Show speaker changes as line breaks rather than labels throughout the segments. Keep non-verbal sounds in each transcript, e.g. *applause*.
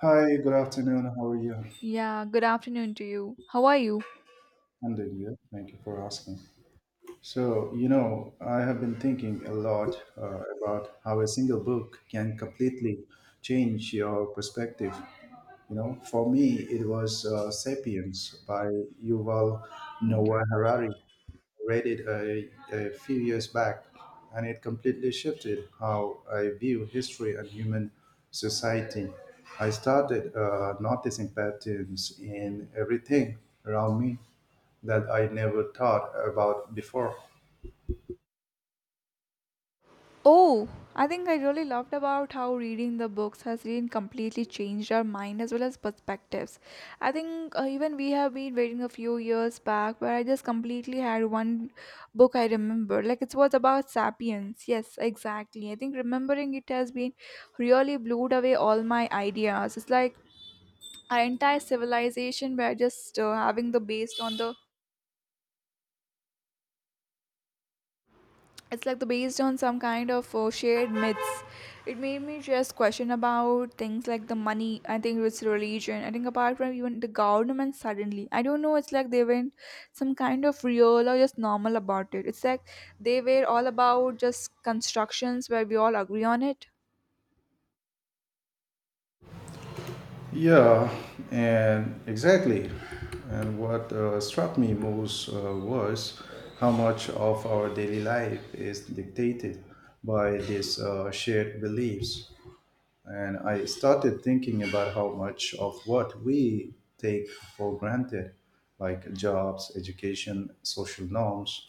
Hi, good afternoon. How are you?
Yeah, good afternoon to you. How are you?
I'm doing good. Thank you for asking. So, you know, I have been thinking a lot about how a single book can completely change your perspective. You know, for me, it was *Sapiens* by Yuval Noah Harari. Read it a few years back, and it completely shifted how I view history and human society. I started noticing patterns in everything around me that I never thought about before.
Oh, I think I really loved about how reading the books has really completely changed our mind as well as perspectives. I think even we have been waiting a few years back where I just completely had one book I remember. Like it was about Sapiens. Yes, exactly. I think remembering it has been really blew away all my ideas. It's like our entire civilization we're just having the based on the it's like the based on some kind of shared myths. It made me just question about things like the money. I think it's religion. I think apart from even the government, suddenly I don't know, it's like they went some kind of real or just normal about it. It's like they were all about just constructions where we all agree on it.
Yeah, and exactly. And what struck me most was how much of our daily life is dictated by these shared beliefs. And I started thinking about how much of what we take for granted, like jobs, education, social norms,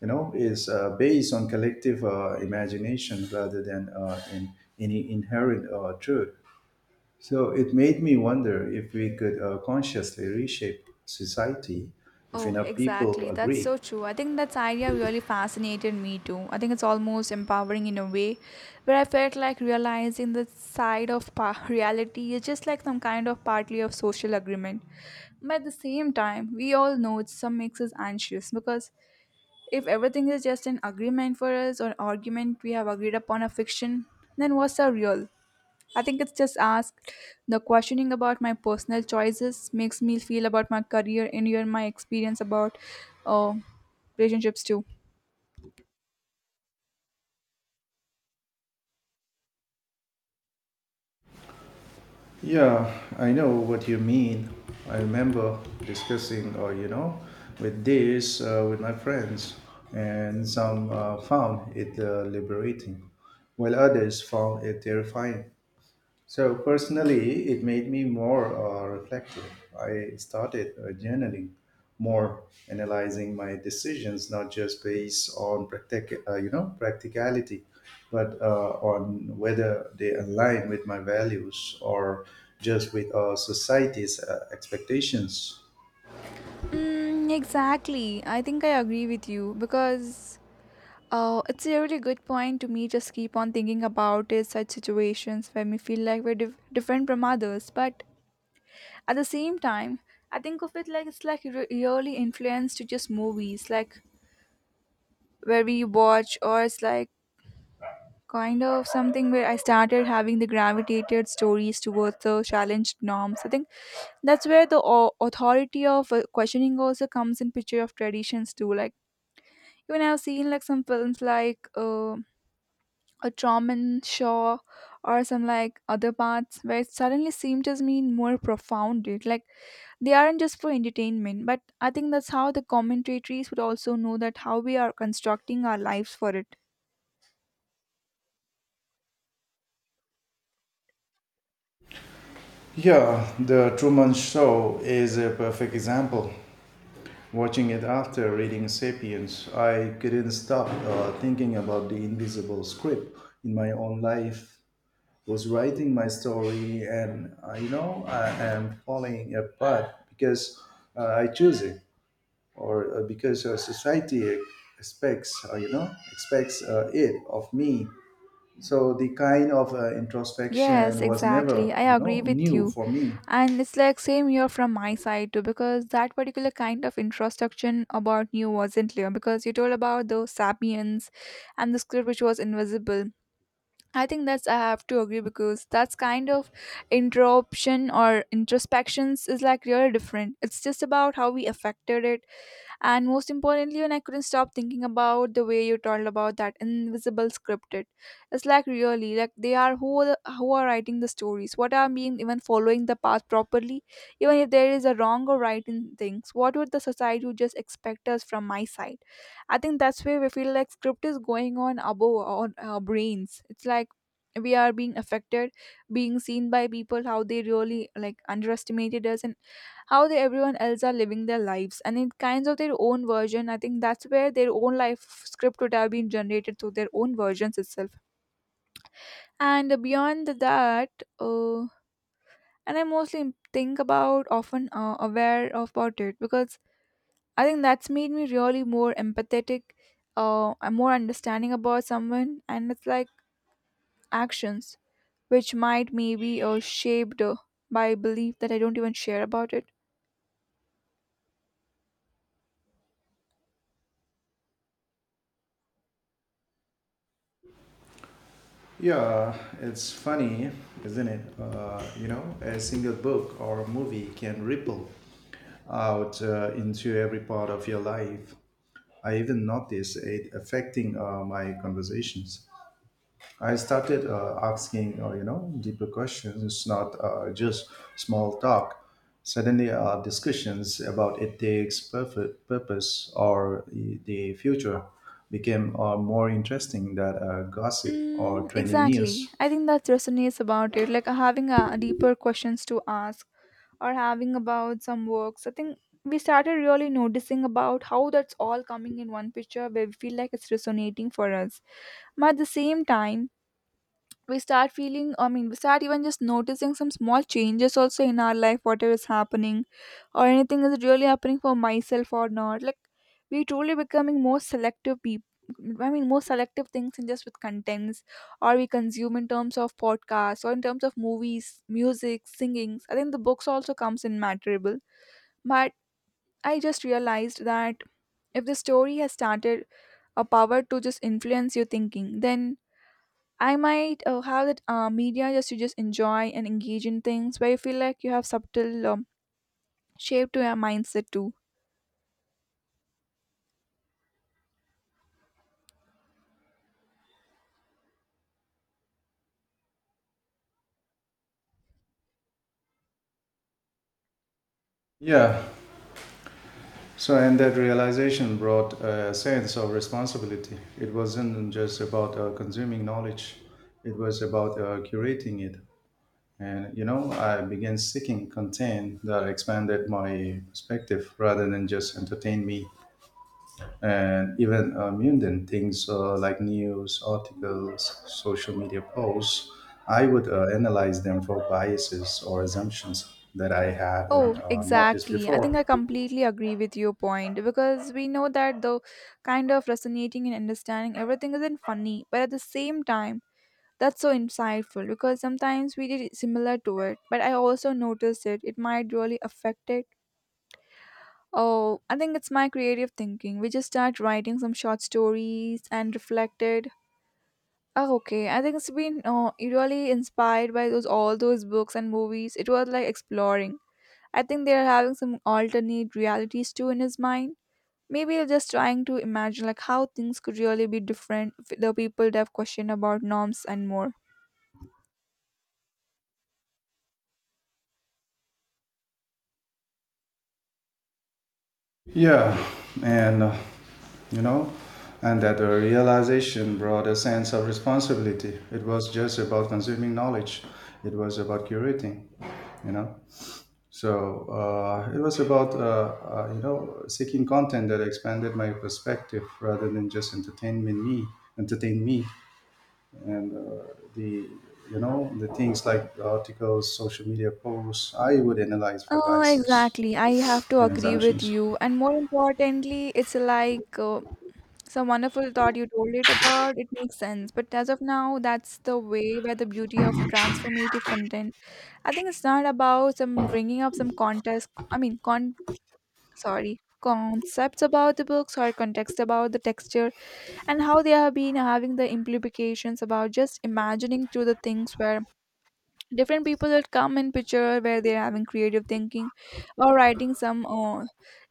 you know, is based on collective imagination rather than in any inherent truth. So it made me wonder if we could consciously reshape society if
Oh,
enough people
exactly. That's
agree.
so true. I think that idea really fascinated me too. I think it's almost empowering in a way where I felt like realizing the side of *laughs* reality is just like some kind of partly of social agreement. But at the same time, we all know it some makes us anxious because if everything is just an agreement for us or argument we have agreed upon a fiction, then what's the real? I think it's just asked the questioning about my personal choices makes me feel about my career and even my experience about uh, relationships too.
Yeah, I know what you mean. I remember discussing, with this with my friends, and some found it liberating, while others found it terrifying. So personally, it made me more reflective. I started journaling more, analyzing my decisions not just based on you know, practicality, but on whether they align with my values or just with society's expectations.
Mm, exactly. I think I agree with you because it's a really good point to me. Just keep on thinking about it, such situations where we feel like we're different from others, but at the same time, I think of it like it's like really influenced to just movies, like where we watch, or it's like kind of something where I started having the gravitated stories towards the challenged norms. I think that's where the authority of questioning also comes in picture of traditions too. Like even I've seen like some films like a Truman Shaw or some like other parts where it suddenly seemed to mean more profound. It like they aren't just for entertainment, but I think that's how the commentators would also know that how we are constructing our lives for it.
Yeah, the Truman Show is a perfect example. Watching it after reading Sapiens, I couldn't stop thinking about the invisible script in my own life. Was writing my story, and you know, I am falling apart because I choose it, or because society expects, expects it of me. So the kind of introspection
Yes,
was never,
exactly. I
you
agree
know,
with
new
you.
for me.
And it's like same here from my side too, because that particular kind of introspection about you wasn't clear because you told about the sapiens and the script which was invisible. I think that's I have to agree because that's kind of interruption or introspections is like really different. It's just about how we affected it, and most importantly, when I couldn't stop thinking about the way you told about that invisible scripted. It's like really, like they are who are writing the stories. What are being even following the path properly, even if there is a wrong or right in things. What would the society would just expect us from my side? I think that's where we feel like script is going on above on our brains. It's like we are being affected, being seen by people how they really like underestimated us, and how they, everyone else are living their lives and in kinds of their own version. I think that's where their own life script would have been generated through their own versions itself. And beyond that, uh, and I mostly think about often aware of about it because I think that's made me really more empathetic, and more understanding about someone, and it's like actions which might maybe shaped by belief that I don't even share about it.
Yeah, it's funny, isn't it? You know, a single book or a movie can ripple out into every part of your life. I even notice it affecting my conversations. I started asking, you know, deeper questions. It's not just small talk. Suddenly, discussions about ethics, perfect purpose, or the future became more interesting than gossip or
Mm,
training
exactly.
news.
I think that resonates about it, like having a deeper questions to ask or having about some works. I think we started really noticing about how that's all coming in one picture where we feel like it's resonating for us. But at the same time, we start feeling, I mean, we start even just noticing some small changes also in our life, whatever is happening or anything is really happening for myself or not. Like we truly becoming more selective people, I mean, more selective things in just with contents, or we consume in terms of podcasts, or in terms of movies, music, singings. I think the books also comes in matterable. But I just realized that if the story has started a power to just influence your thinking, then I might have that media just to just enjoy and engage in things where you feel like you have subtle shape to your mindset too.
Yeah. So, and that realization brought a sense of responsibility. It wasn't just about consuming knowledge, it was about curating it. And, you know, I began seeking content that expanded my perspective rather than just entertain me. And even mundane things like news, articles, social media posts, I would analyze them for biases or assumptions that I hadn't
Oh,
noticed
exactly. I think
before.
I completely agree with your point because we know that the kind of resonating and understanding everything isn't funny, but at the same time, that's so insightful because sometimes we did similar to it, but I also noticed it. It might really affect it. Oh, I think it's my creative thinking. We just start writing some short stories and reflected. Oh, okay. I think it's been really inspired by those all those books and movies. It was like exploring. I think they are having some alternate realities too in his mind. Maybe they're just trying to imagine like how things could really be different if the people that have questioned about norms and more.
Yeah, and you know, and that realization brought a sense of responsibility. It was just about consuming knowledge, it was about curating, you know. So it was about, you know, seeking content that expanded my perspective rather than just entertainment entertain me. And the, you know, the things like articles, social media posts, I would analyze for biases
Exactly. I have to
and
agree with
assumptions.
you. And more importantly, it's like some wonderful thought you told it about. It makes sense. But as of now, that's the way where the beauty of transformative content. I think it's not about some bringing up some contest. I mean, con. Sorry, concepts about the books or context about the texture, and how they have been having the implications about just imagining through the things where different people that come in picture where they're having creative thinking or writing some uh,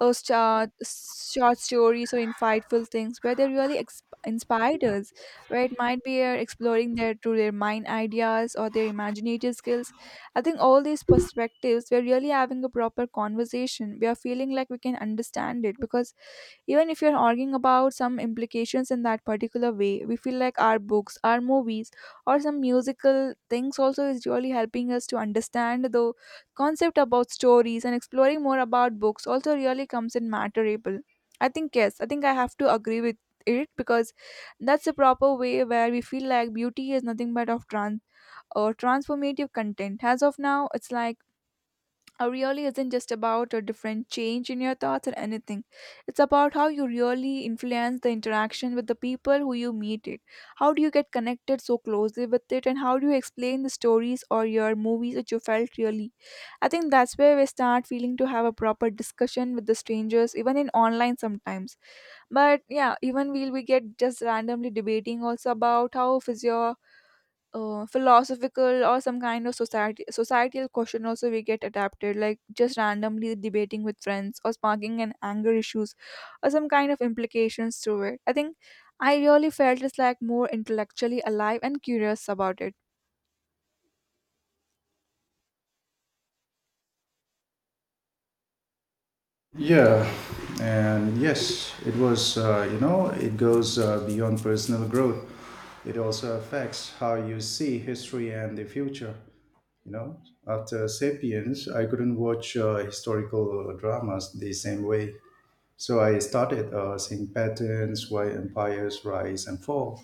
uh, short, short stories or insightful things where they really inspired us, where it might be exploring their through their mind ideas or their imaginative skills. I think all these perspectives we're really having a proper conversation, we are feeling like we can understand it because even if you're arguing about some implications in that particular way, we feel like our books, our movies, or some musical things also is really helping us to understand the concept about stories and exploring more about books also really comes in matterable. I think yes, I think I have to agree with it because that's a proper way where we feel like beauty is nothing but of trans or transformative content. As of now, it's like really isn't just about a different change in your thoughts or anything. It's about how you really influence the interaction with the people who you meet it. How do you get connected so closely with it and how do you explain the stories or your movies that you felt really? I think that's where we start feeling to have a proper discussion with the strangers, even in online sometimes. But yeah, even we get just randomly debating also about how physio philosophical or some kind of society societal question also we get adapted, like just randomly debating with friends or sparking an anger issues or some kind of implications through it. I think I really felt it's like more intellectually alive and curious about it.
Yeah, and yes, it was, you know, it goes beyond personal growth. It also affects how you see history and the future. You know, after Sapiens, I couldn't watch historical dramas the same way. So I started seeing patterns why empires rise and fall,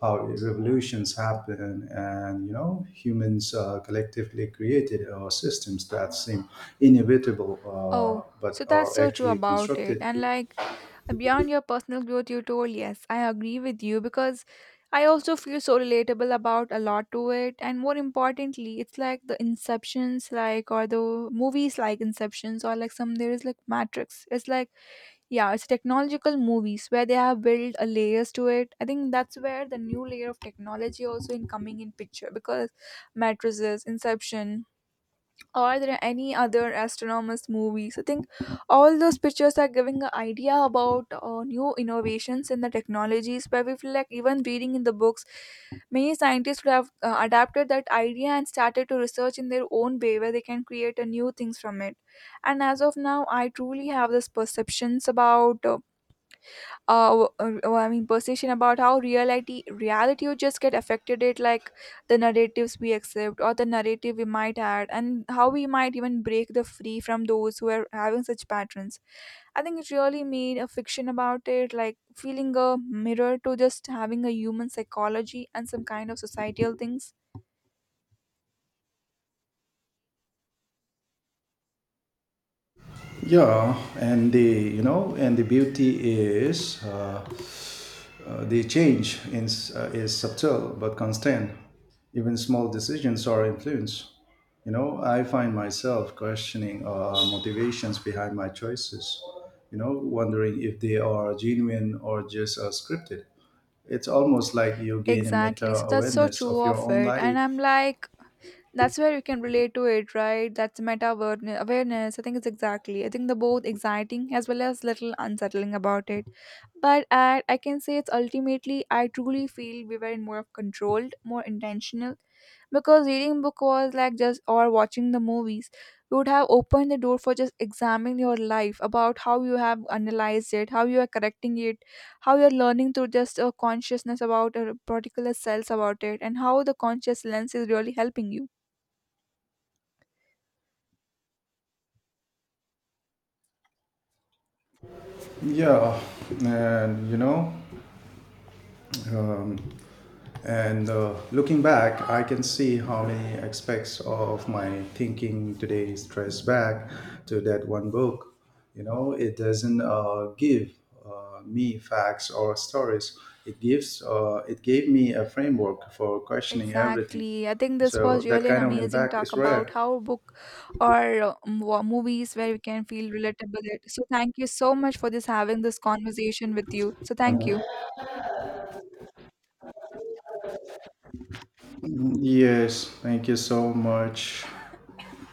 how revolutions happen, and you know, humans collectively created systems that seem inevitable
Oh,
but
so that's
are
so true
actually
about it.
constructed.
And like beyond your personal growth, you told, yes, I agree with you because I also feel so relatable about a lot to it. And more importantly, it's like the Inceptions, like, or the movies like Inceptions, or like some there is like Matrix. It's like, yeah, it's technological movies where they have built a layers to it. I think that's where the new layer of technology also in coming in picture because matrices, Inception, are there any other astronomers movies? I think all those pictures are giving an idea about new innovations in the technologies, where we feel like even reading in the books, many scientists would have adapted that idea and started to research in their own way, where they can create a new things from it. And as of now, I truly have this perceptions about. I mean, perception about how reality would just get affected it, like the narratives we accept or the narrative we might add and how we might even break the free from those who are having such patterns. I think it really made a fiction about it, like feeling a mirror to just having a human psychology and some kind of societal things.
Yeah, and the you know, and the beauty is, the change in, is subtle but constant. Even small decisions are influenced. You know, I find myself questioning motivations behind my choices, you know, wondering if they are genuine or just scripted. It's almost like you gain a meta
Exactly. So that's so
awareness
true
of your
of
own
it. And
life.
I'm like that's where you can relate to it, right? That's meta awareness awareness. I think it's exactly, I think the both exciting as well as little unsettling about it, but I can say it's ultimately I truly feel we were in more of controlled, more intentional, because reading book was like just or watching the movies, you would have opened the door for just examining your life, about how you have analyzed it, how you are correcting it, how you're learning through just a consciousness about a particular cells about it and how the conscious lens is really helping you.
Yeah, and you know, um, and looking back, I can see how many aspects of my thinking today is traced back to that one book. You know, it doesn't give me facts or stories. It gives, it gave me a framework for questioning everything.
Exactly. I think this
So
was
that
really an
kind of
amazing
impact
talk
is
about
rare.
how
*clears throat*
book or movies where we can feel relatable. So thank you so much for this having this conversation with you. So thank you.
Yes, thank you so much.